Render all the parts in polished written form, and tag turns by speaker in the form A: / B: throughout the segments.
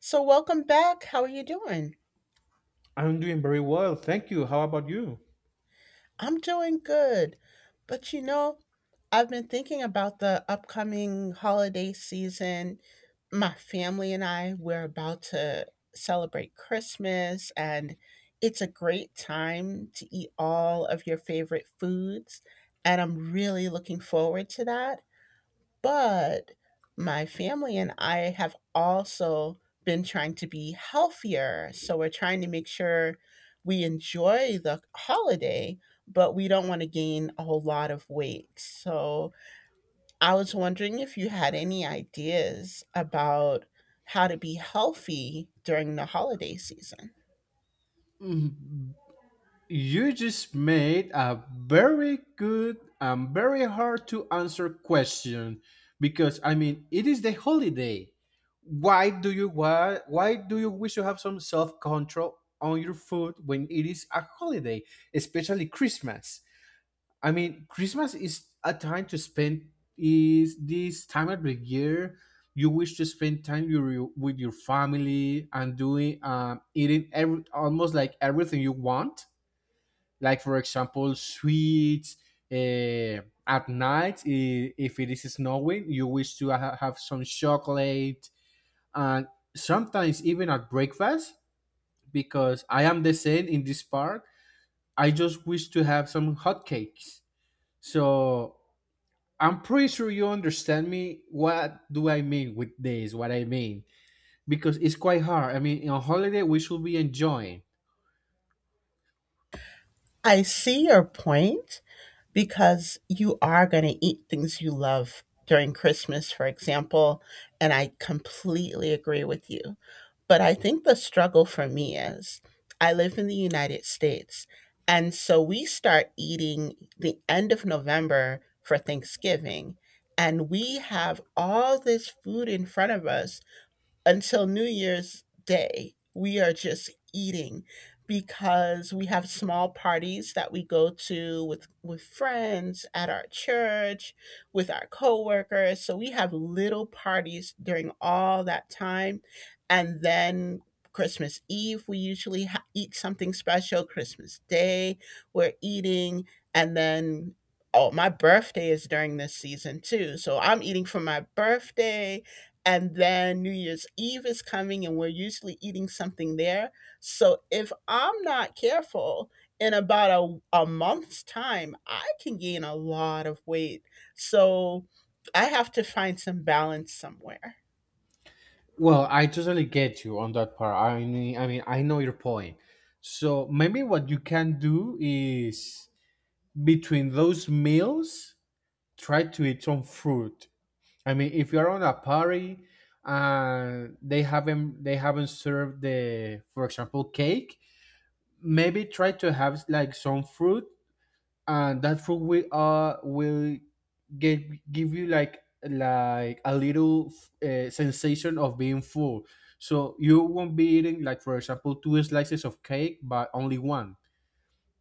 A: So, welcome back. How are you doing?
B: I'm doing very well, thank you. How about you?
A: I'm doing good. But I've been thinking about the upcoming holiday season. My family and I, we're about to celebrate Christmas, and it's a great time to eat all of your favorite foods. And I'm really looking forward to that. But my family and I have also been trying to be healthier. So we're trying to make sure we enjoy the holiday, but we don't want to gain a whole lot of weight. So I was wondering if you had any ideas about how to be healthy during the holiday season.
B: Mm, you just made a very good and very hard to answer question because I mean it is the holiday. Why do you wish to have some self control on your food when it is a holiday, especially Christmas? I mean, Christmas is a time to spend, is this time of the year you wish to spend time with your family and doing eating every almost like everything you want. Like for example, sweets. Uh, at night, if it is snowing, you wish to have some chocolate and sometimes even at breakfast because I am the same in this park. I just wish to have some hotcakes. So I'm pretty sure you understand me. What do I mean with this? What I mean, because it's quite hard. I mean, on holiday we should be enjoying.
A: I see your point, because you are going to eat things you love during Christmas, for example. And I completely agree with you. But I think the struggle for me is I live in the United States. And so we start eating the end of November for Thanksgiving. And we have all this food in front of us until New Year's Day, we are just eating because we have small parties that we go to with friends at our church, with our coworkers. So we have little parties during all that time, and then Christmas Eve we usually eat something special. Christmas Day we're eating, and then oh, my birthday is during this season too. So I'm eating for my birthday and then New Year's Eve is coming, and we're usually eating something there. So if I'm not careful, in about a month's time, I can gain a lot of weight. So I have to find some balance somewhere.
B: Well, I totally get you on that part. I mean, I know your point. So maybe what you can do is between those meals, try to eat some fruit. I mean, if you're on a party and they haven't served the, for example, cake, maybe try to have like some fruit, and that fruit will get give you like a little sensation of being full, so you won't be eating like for example two slices of cake but only one,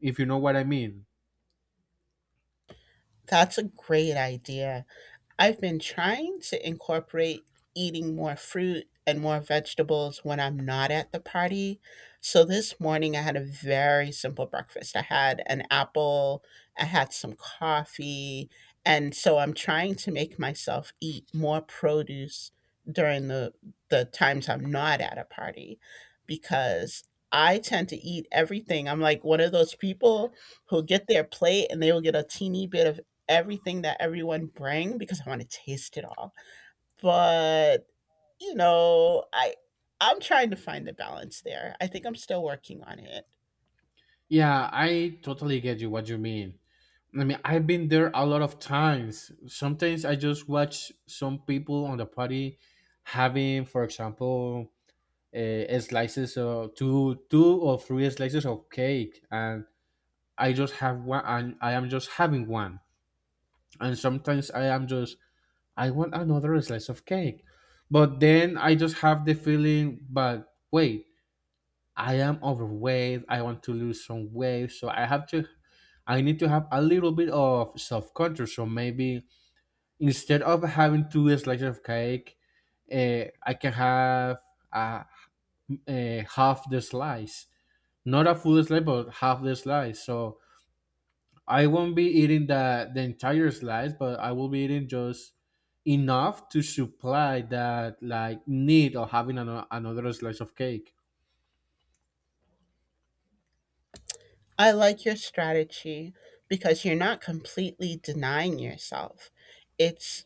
B: if you know what I mean.
A: That's a great idea. I've been trying to incorporate eating more fruit and more vegetables when I'm not at the party. So this morning I had a very simple breakfast. I had an apple, I had some coffee, and so I'm trying to make myself eat more produce during the times I'm not at a party because I tend to eat everything. I'm like one of those people who get their plate and they will get a teeny bit of everything that everyone bring because I want to taste it all. But you know, I I'm trying to find the balance there. I think I'm still working on it.
B: Yeah, I totally get you what you mean. I mean, I've been there a lot of times. Sometimes I just watch some people on the party having for example, uh, slices of two or three slices of cake, and I just have one, and I am just having one. And sometimes I am just, I want another slice of cake. But then I just have the feeling, but wait, I am overweight. I want to lose some weight. So I need to have a little bit of self control. So maybe instead of having two slices of cake, I can have uh, half the slice. Not a full slice, but half the slice. So I won't be eating the entire slice, but I will be eating just enough to supply that like need of having another slice of cake.
A: I like your strategy because you're not completely denying yourself. It's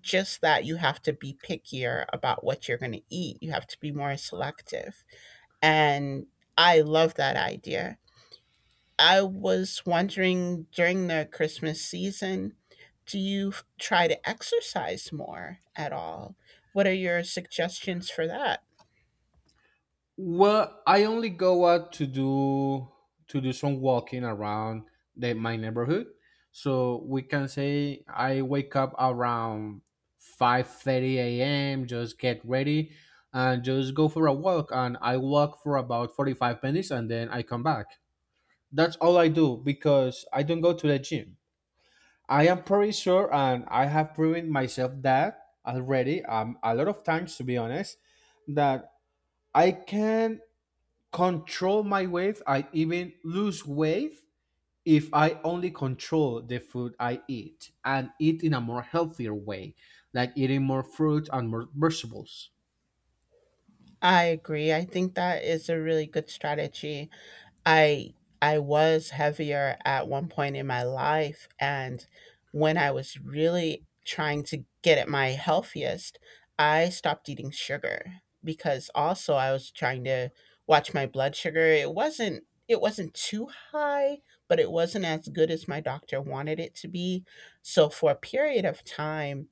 A: just that you have to be pickier about what you're going to eat. You have to be more selective. And I love that idea. I was wondering during the Christmas season, do you try to exercise more at all? What are your suggestions for that?
B: Well, I only go out to do some walking around my neighborhood. So we can say I wake up around 5:30 a.m. Just get ready and just go for a walk, and I walk for about 45 minutes, and then I come back. That's all I do because I don't go to the gym. I am pretty sure, and I have proven myself that already a lot of times, to be honest, that I can control my weight. I even lose weight if I only control the food I eat and eat in a more healthier way, like eating more fruit and more vegetables.
A: I agree. I think that is a really good strategy. I I was heavier at one point in my life and when I was really trying to get at my healthiest, I stopped eating sugar because also I was trying to watch my blood sugar. It wasn't too high, but it wasn't as good as my doctor wanted it to be. So for a period of time,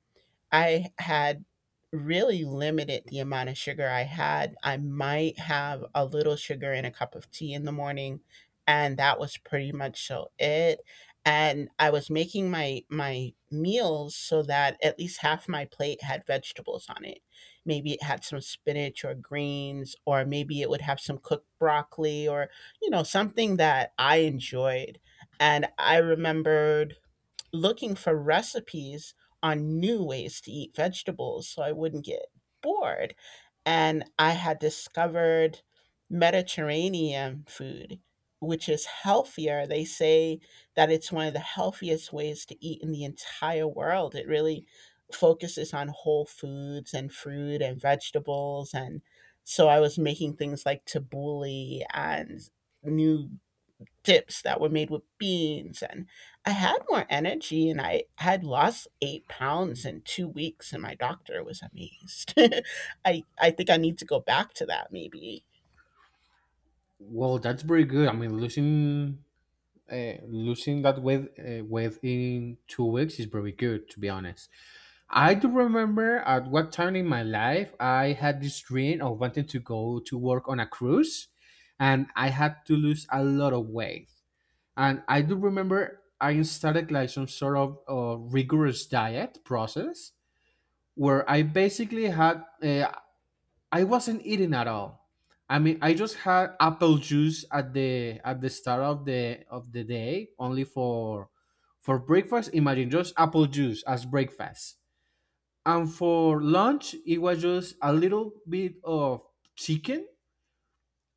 A: I had really limited the amount of sugar I had. I might have a little sugar in a cup of tea in the morning, and that was pretty much so it. And I was making my meals so that at least half my plate had vegetables on it. Maybe it had some spinach or greens, or maybe it would have some cooked broccoli or, something that I enjoyed. And I remembered looking for recipes on new ways to eat vegetables so I wouldn't get bored. And I had discovered Mediterranean food, which is healthier. They say that it's one of the healthiest ways to eat in the entire world. It really focuses on whole foods and fruit and vegetables. And so I was making things like tabbouleh and new dips that were made with beans, and I had more energy, and I had lost 8 pounds in 2 weeks, and my doctor was amazed. I think I need to go back to that, maybe.
B: Well, that's pretty good. I mean, losing that weight within 2 weeks is very good, to be honest. I do remember at what time in my life I had this dream of wanting to go to work on a cruise, and I had to lose a lot of weight. And I do remember I started like some sort of rigorous diet process where I basically I wasn't eating at all. I mean, I just had apple juice at the start of the day, only for breakfast. Imagine just apple juice as breakfast, and for lunch, it was just a little bit of chicken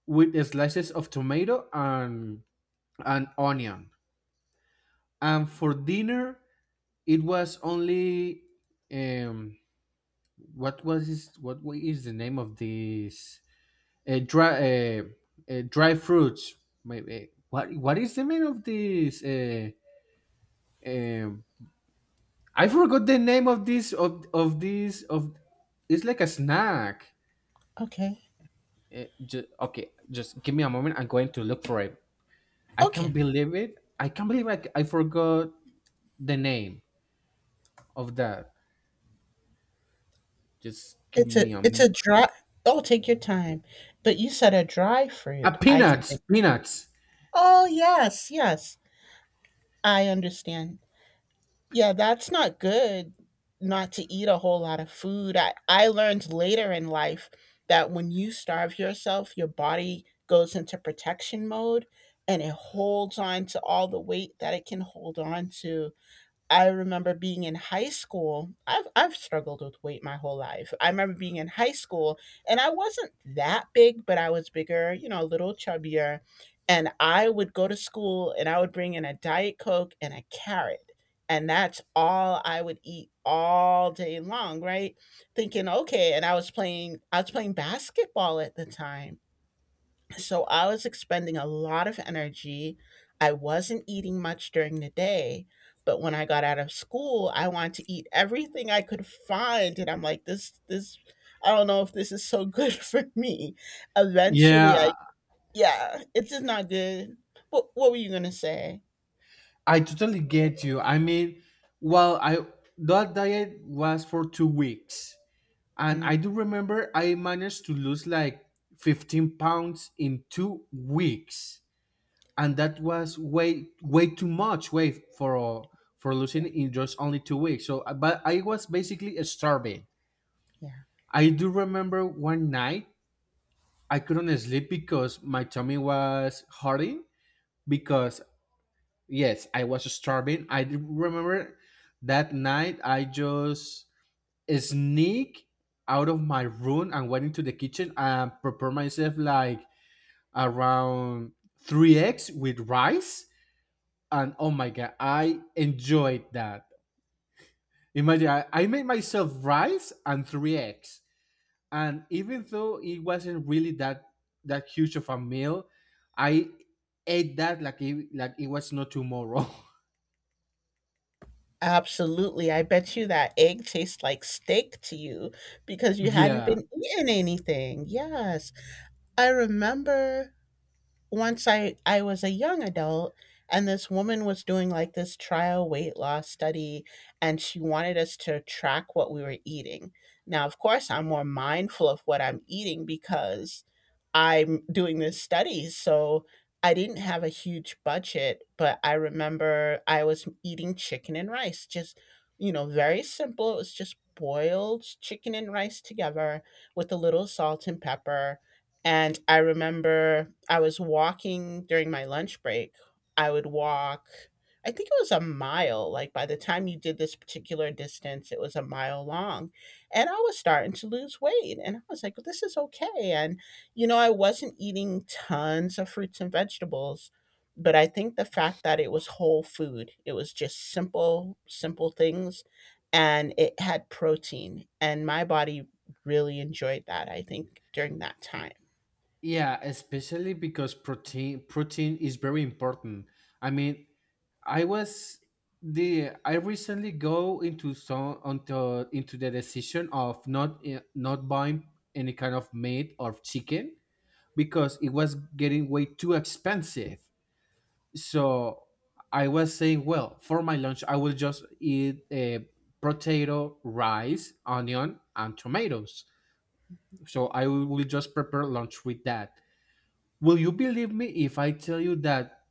B: with slices of tomato and an onion. And for dinner, it was only um what was this? What is the name of this? Dry uh, dry fruits. Maybe what is the name of this? Um, I forgot the name of this of this of. It's like a snack.
A: Okay.
B: Okay, just give me a moment. I'm going to look for it. I
A: Okay.
B: can't believe it. I can't believe I forgot the name of that. Just give
A: it's a
B: me a,
A: it's
B: m-
A: a dry— Oh, take your time. But you said a dry
B: A
A: fruit, I can think.
B: peanuts, peanuts.
A: Oh, yes, yes, I understand. Yeah, that's not good, not to eat a whole lot of food. I learned later in life that when you starve yourself, your body goes into protection mode and it holds on to all the weight that it can hold on to. I remember being in high school. I've struggled with weight my whole life. I remember being in high school and I wasn't that big, but I was bigger, a little chubbier. And I would go to school and I would bring in a Diet Coke and a carrot. And that's all I would eat all day long, right? Thinking, okay, and I was playing basketball at the time, so I was expending a lot of energy. I wasn't eating much during the day. But when I got out of school, I wanted to eat everything I could find. And I'm like, this, I don't know if this is so good for me. Eventually,
B: Yeah,
A: yeah, it's just not good. What were you going to say?
B: I totally get you. I mean, well, I that diet was for 2 weeks, and I
A: Mm,
B: do remember I managed to lose like 15 pounds in 2 weeks. And that was way way too much way for uh, for losing
A: yeah,
B: in just only 2 weeks. So but I was basically starving.
A: yeah.
B: I do remember one night I couldn't sleep because my tummy was hurting because yes I was starving. I do remember that night I just sneak out of my room and went into the kitchen and prepare myself like around 3 eggs with rice, and oh my god, I enjoyed that. Imagine I made myself rice and three eggs, and even though it wasn't really that huge of a meal, I ate that like like it was not tomorrow.
A: Absolutely. I bet you that egg tastes like steak to you because you hadn't been
B: Yeah,
A: eating anything. Yes. I remember once I was a young adult and this woman was doing like this trial weight loss study and she wanted us to track what we were eating. Now, of course, I'm more mindful of what I'm eating because I'm doing this study. So I didn't have a huge budget, but I remember I was eating chicken and rice, just, very simple. It was just boiled chicken and rice together with a little salt and pepper, and I remember I was walking during my lunch break. I would walk, I think it was a mile. Like by the time you did this particular distance, it was a mile long. And I was starting to lose weight. And I was like, "Well, this is okay." And, I wasn't eating tons of fruits and vegetables. But I think the fact that it was whole food, it was just simple, simple things. And it had protein. And my body really enjoyed that, I think, during that time.
B: yeah, especially because protein is very important. I mean, I was the I recently go into some onto into the decision of not not buying any kind of meat or chicken because it was getting way too expensive. So I was saying, well, for my lunch, I will just eat a potato, rice, onion, and tomatoes. So I will just prepare lunch with that. Will you believe me if I tell you that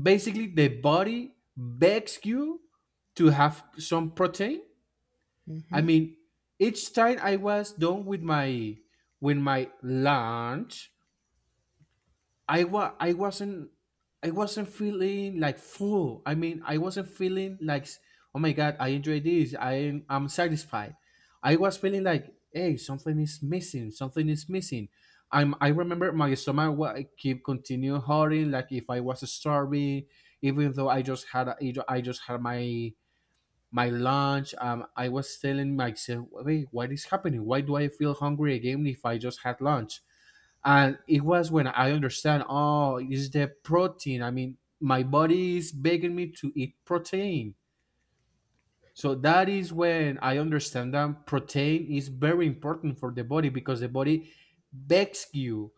B: basically the body begs you to have some protein? I
A: Hmm.
B: mean, each time I was done with my lunch, I wa I wasn't I wasn't feeling like full. I mean, I wasn't feeling like, oh my god, I enjoy this. I'm satisfied. I was feeling like, hey, something is missing. Something is missing. I remember my stomach wa- keep continue hurting. Like if I was starving, even though I just had my lunch. I was telling myself, wait, what is happening? Why do I feel hungry again if I just had lunch? And it was when I understand, oh, it's the protein. I mean, my body is begging me to eat protein. So that is when I understand that protein is very important for the body because the body begs you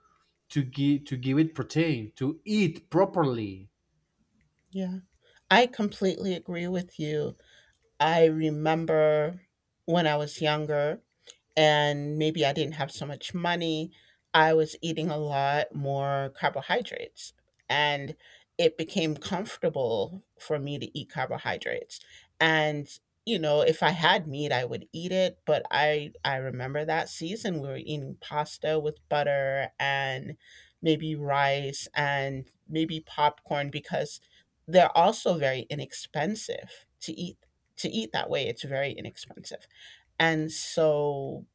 B: to give it protein to eat properly.
A: Yeah, I completely agree with you. I remember when I was younger, and maybe I didn't have so much money, I was eating a lot more carbohydrates. And it became comfortable for me to eat carbohydrates. And, if I had meat, I would eat it. But I remember that season we were eating pasta with butter and maybe rice and maybe popcorn because they're also very inexpensive to eat, that way it's very inexpensive. And so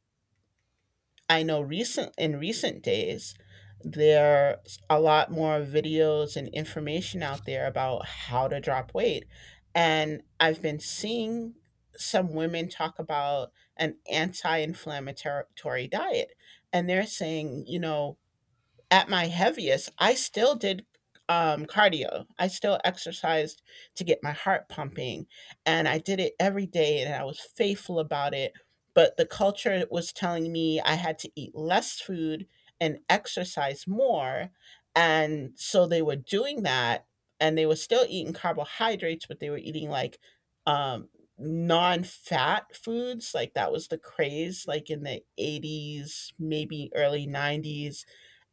A: I know recent in recent days there's a lot more videos and information out there about how to drop weight. And I've been seeing some women talk about an anti-inflammatory diet, and they're saying, at my heaviest, I still did cardio. I still exercised to get my heart pumping. And I did it every day and I was faithful about it. But the culture was telling me I had to eat less food and exercise more. And so they were doing that, and they were still eating carbohydrates, but they were eating like um, non fat foods. Like that was the craze, like in the 80s, maybe early 90s,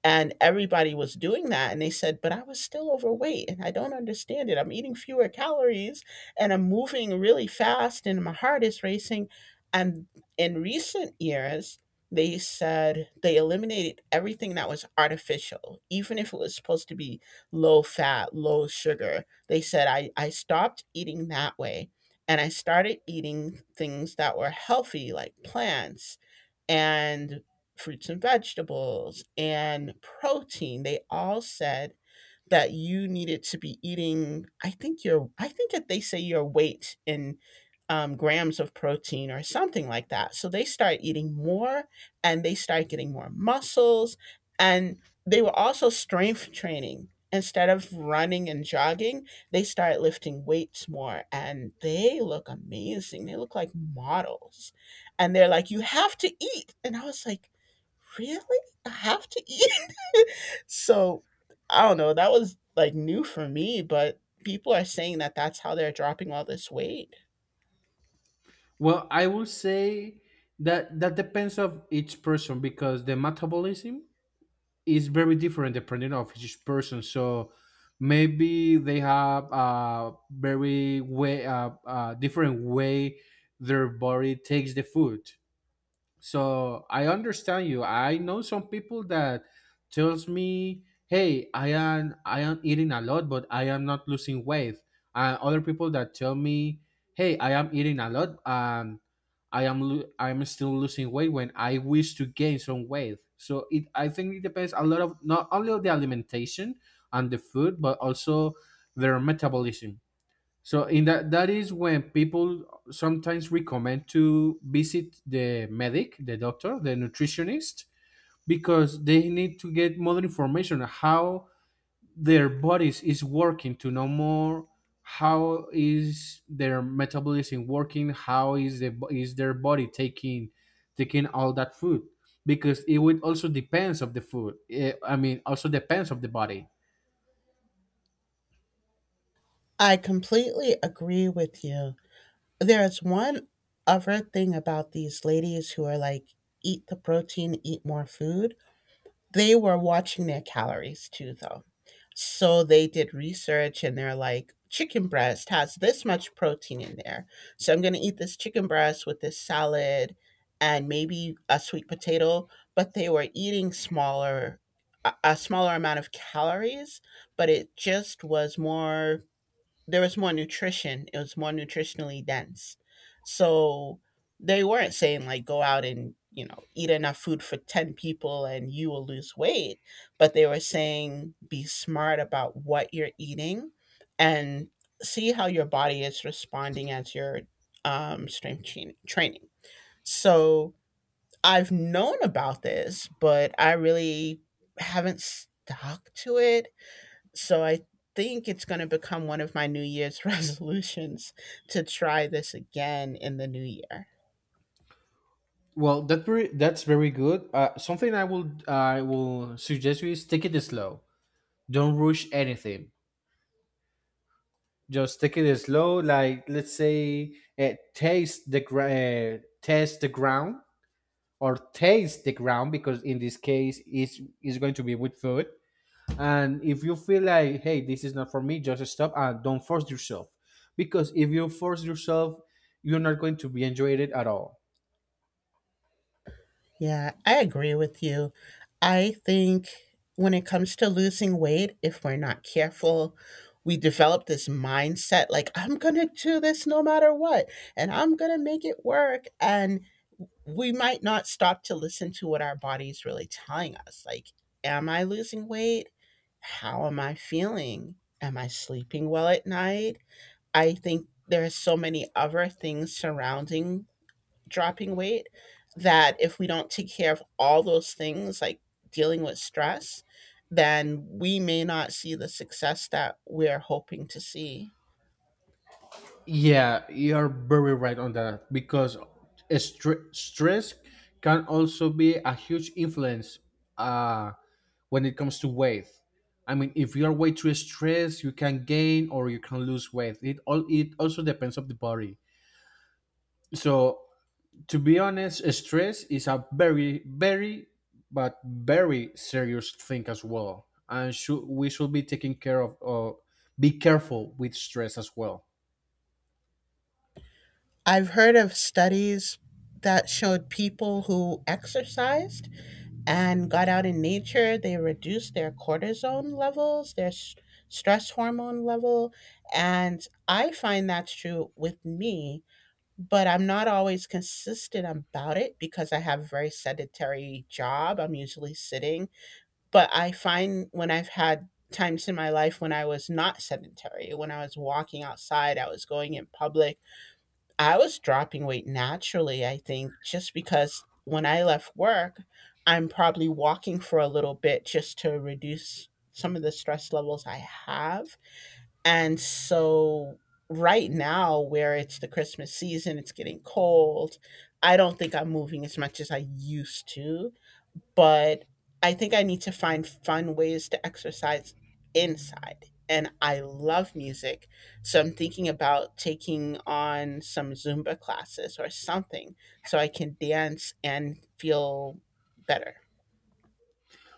A: and everybody was doing that. And they said, but I was still overweight and I don't understand it. I'm eating fewer calories and I'm moving really fast and my heart is racing. And in recent years, they said they eliminated everything that was artificial, even if it was supposed to be low fat, low sugar. They said, I stopped eating that way and I started eating things that were healthy, like plants and fruits and vegetables and protein. They all said that you needed to be eating, I think that they say your weight in grams of protein or something like that, so they start eating more and they start getting more muscles, and they were also strength training instead of running and jogging. They start lifting weights more and they look amazing, they look like models. And they're like, you have to eat. And I was like, really? I have to eat. So I don't know. That was like new for me, but people are saying that that's how they're dropping all this weight.
B: Well, I will say that that depends of each person because the metabolism is very different depending of each person. So maybe they have a very way, different way their body takes the food. So I understand you. I know some people that tells me, "Hey, I am eating a lot, but I am not losing weight." And other people that tell me, "Hey, I am eating a lot and I am still losing weight when I wish to gain some weight." So it, I think it depends a lot of not only of the alimentation and the food, but also their metabolism. So in that that is when people sometimes recommend to visit the medic, the doctor, the nutritionist because they need to get more information on how their bodies is working, to know more how is their metabolism working, how is their body taking all that food, because it would also depends of the food. I mean also depends of the body.
A: I completely agree with you. There's one other thing about these ladies who are like, eat the protein, eat more food. They were watching their calories too, though. So they did research and they're like, chicken breast has this much protein in there. So I'm going to eat this chicken breast with this salad and maybe a sweet potato. But they were eating smaller, a smaller amount of calories, but it just was more there was more nutrition. It was more nutritionally dense. So they weren't saying like go out and, eat enough food for 10 people and you will lose weight, but they were saying be smart about what you're eating and see how your body is responding as you're training. So I've known about this, but I really haven't stuck to it so I think it's going to become one of my New Year's resolutions to try this again in the new year.
B: Well, that's very good. Something I will suggest you is take it slow. Don't rush anything. Just take it slow. Like let's say, test the ground or taste the ground because in this case it's is going to be with food. And if you feel like hey this is not for me, just stop and don't force yourself. Because if you force yourself, you're not going to be enjoying it at all.
A: Yeah, I agree with you. I think when it comes to losing weight, if we're not careful, we develop this mindset like, I'm going to do this no matter what, and I'm going to make it work. And we might not stop to listen to what our body's really telling us. Like, am I losing weight? How am I feeling? Am I sleeping well at night? I think there's so many other things surrounding dropping weight that if we don't take care of all those things, like dealing with stress, then we may not see the success that we're hoping to see.
B: Yeah, you're very right on that because stress can also be a huge influence uh, when it comes to weight. I mean, if you are way too stressed, you can gain or you can lose weight. It also depends of the body. So to be honest, stress is a very serious thing as well, and should we should be taking care of, or be careful with stress as well.
A: I've heard of studies that showed people who exercised and got out in nature, they reduced their cortisone levels, their stress hormone level. And I find that's true with me but I'm not always consistent about it because I have a very sedentary job. I'm usually sitting, but I find when I've had times in my life when I was not sedentary, when I was walking outside, I was going in public, I was dropping weight naturally, I think, just because when I left work, I'm probably walking for a little bit just to reduce some of the stress levels I have and so right now where it's the Christmas season, it's getting cold. I don't think I'm moving as much as I used to, but I think I need to find fun ways to exercise inside. And I love music. So I'm thinking about taking on some Zumba classes or something so I can dance and feel better.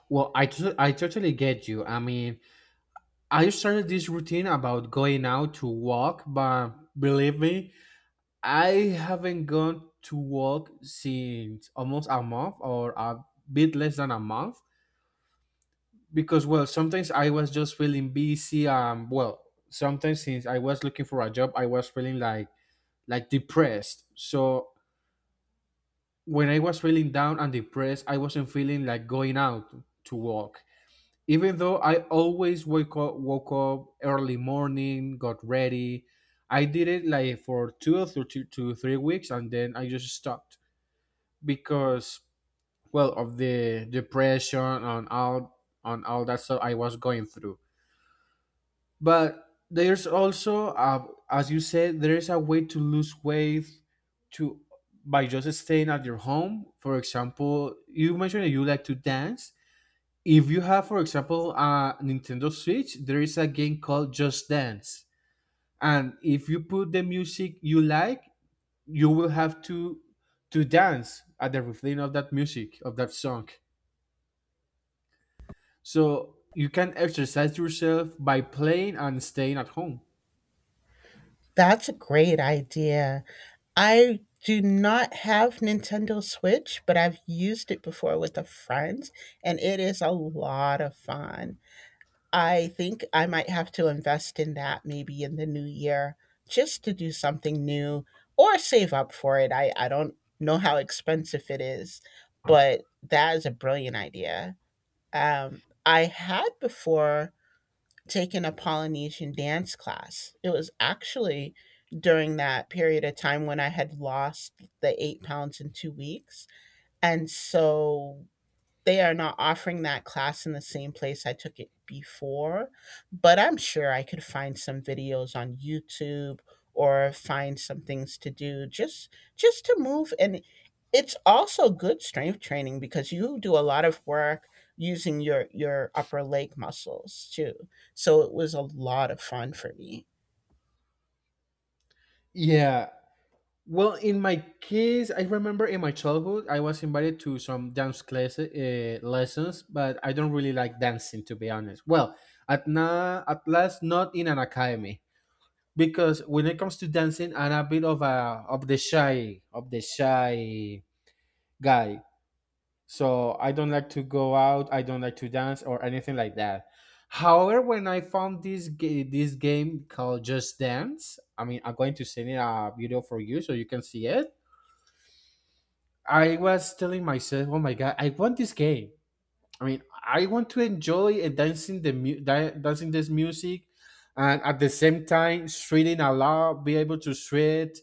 B: Well, I totally get you. I mean, I started this routine about going out to walk, but believe me, I haven't gone to walk since almost a month or a bit less than a month because, well, sometimes I was just feeling busy. Well, sometimes since I was looking for a job, I was feeling like depressed. So when I was feeling down and depressed, I wasn't feeling like going out to walk, even though I always wake up woke up early morning, got ready. I did it like for 2 to 3 weeks, and then I just stopped because well of the depression and all that stuff I was going through. But there's also, as you said, there is a way to lose weight to by just staying at your home. For example, you mentioned that you like to dance. If you have, for example, a Nintendo Switch, there is a game called Just Dance, and if you put the music you like, you will have to dance at the refrain of that music, of that song, so you can exercise yourself by playing and staying at home.
A: That's a great idea. I do not have Nintendo Switch, but I've used it before with a friend, and it is a lot of fun. I think I might have to invest in that maybe in the new year just to do something new or save up for it. I don't know how expensive it is, but that is a brilliant idea. I had before taken a Polynesian dance class. It was actually during that period of time when I had lost the 8 pounds in 2 weeks. And so they are not offering that class in the same place I took it before, but I'm sure I could find some videos on YouTube or find some things to do just to move and it's also good strength training because you do a lot of work using your upper leg muscles too. So it was a lot of fun for me.
B: Yeah, well, in my case, I remember in my childhood I was invited to some dance class, lessons, but I don't really like dancing, to be honest. Well, at last, not in an academy, because when it comes to dancing, I'm a bit of a of the shy guy. So I don't like to go out, I don't like to dance or anything like that. However, when I found this game called Just Dance, I mean, I'm going to send it a video for you so you can see it. I was telling myself, oh my god, I want this game. I mean, I want to enjoy and dancing dancing this music, and at the same time, shredding a lot, be able to shred,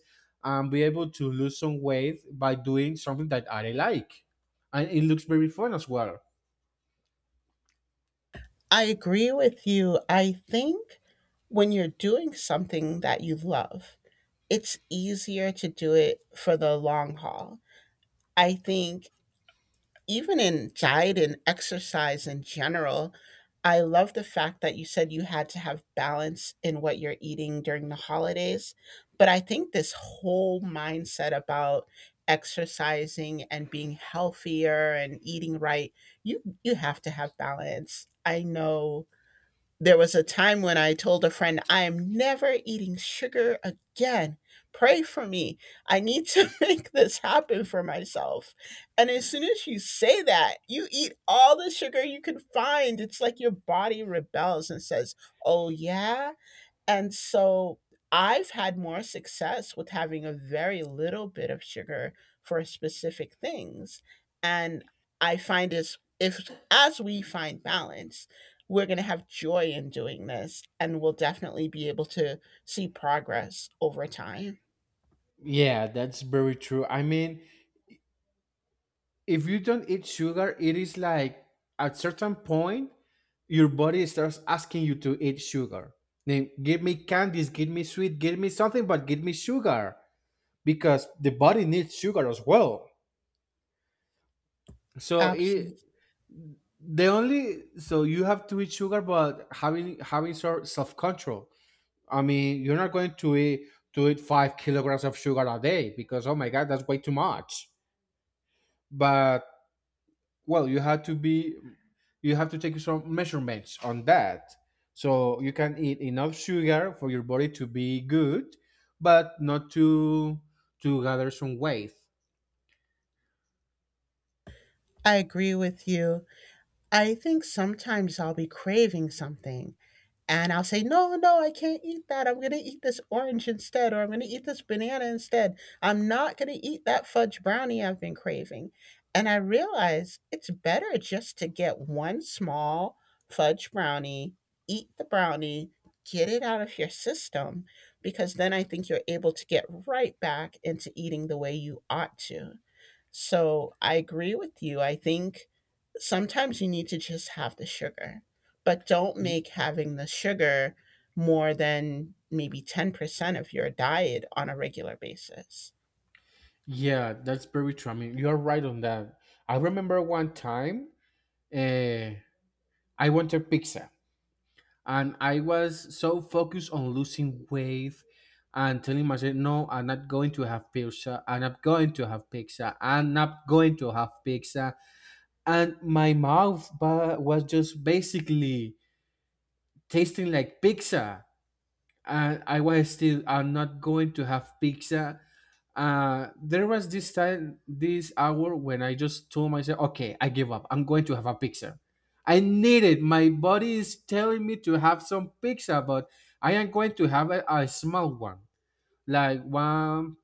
B: and be able to lose some weight by doing something that I like, and it looks very fun as well.
A: I agree with you. I think when you're doing something that you love, it's easier to do it for the long haul. I think even in diet and exercise in general, I love the fact that you said you had to have balance in what you're eating during the holidays. But I think this whole mindset about exercising and being healthier and eating right, you have to have balance. I know there was a time when I told a friend, I am never eating sugar again. Pray for me. I need to make this happen for myself. And as soon as you say that, you eat all the sugar you can find. It's like your body rebels and says, oh, yeah? And so I've had more success with having a very little bit of sugar for specific things. And I find is if as we find balance, we're going to have joy in doing this and we'll definitely be able to see progress over time.
B: Yeah, that's very true. I mean, if you don't eat sugar, it is like at certain point, your body starts asking you to eat sugar. Then give me candies, give me sweet, give me something, but give me sugar, because the body needs sugar as well. So it
A: Absolutely.
B: the only, so you have to eat sugar, but having sort self control. I mean, you're not going to eat 5 kilograms of sugar a day, because oh my god, that's way too much. But well, you have to take some measurements on that, so you can eat enough sugar for your body to be good, but not to gather some weight.
A: I agree with you. I think sometimes I'll be craving something. And I'll say, no, no, I can't eat that. I'm going to eat this orange instead, or I'm going to eat this banana instead. I'm not going to eat that fudge brownie I've been craving. And I realize it's better just to get one small fudge brownie, eat the brownie, get it out of your system, because then I think you're able to get right back into eating the way you ought to. So I agree with you. I think sometimes you need to just have the sugar, but don't make having the sugar more than maybe 10% of your diet on a regular basis.
B: Yeah, that's very true. I mean, you're right on that. I remember one time, uh, I wanted pizza, and I was so focused on losing weight and telling myself, no, I'm not going to have pizza. I'm not going to have pizza. I'm not going to have pizza. And my mouth was just basically tasting like pizza. And I was still, I'm not going to have pizza. There was this time, this hour, when I just told myself, okay, I give up, I'm going to have a pizza. I need it, my body is telling me to have some pizza. But I am going to have a small one, like one.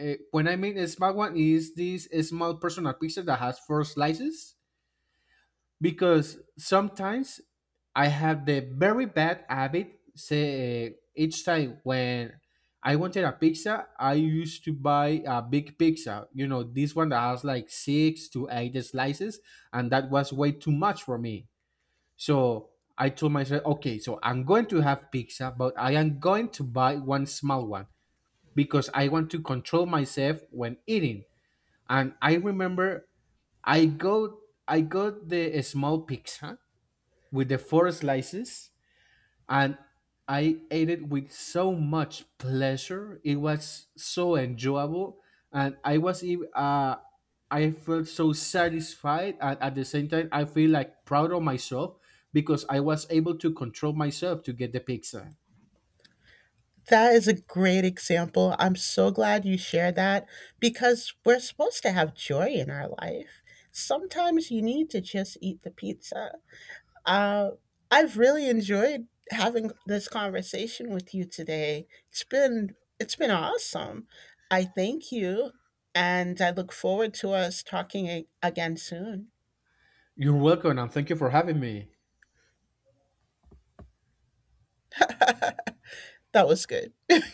B: When I mean a small one is this small personal pizza that has 4 slices, because sometimes I have the very bad habit. Say each time when I wanted a pizza, I used to buy a big pizza. You know, this one that has like 6 to 8 slices, and that was way too much for me. So I told myself, okay, so I'm going to have pizza, but I am going to buy one small one, because I want to control myself when eating. And I remember I got I got the small pizza with the 4 slices, and I ate it with so much pleasure. It was so enjoyable, and I was even, I felt so satisfied, and at the same time I feel like proud of myself because I was able to control myself to get the pizza.
A: That is a great example. I'm so glad you shared that because we're supposed to have joy in our life. Sometimes you need to just eat the pizza. Uh, I've really enjoyed having this conversation with you today. It's been awesome. I thank you, and I look forward to us again soon.
B: You're welcome, and thank you for having me.
A: That was good.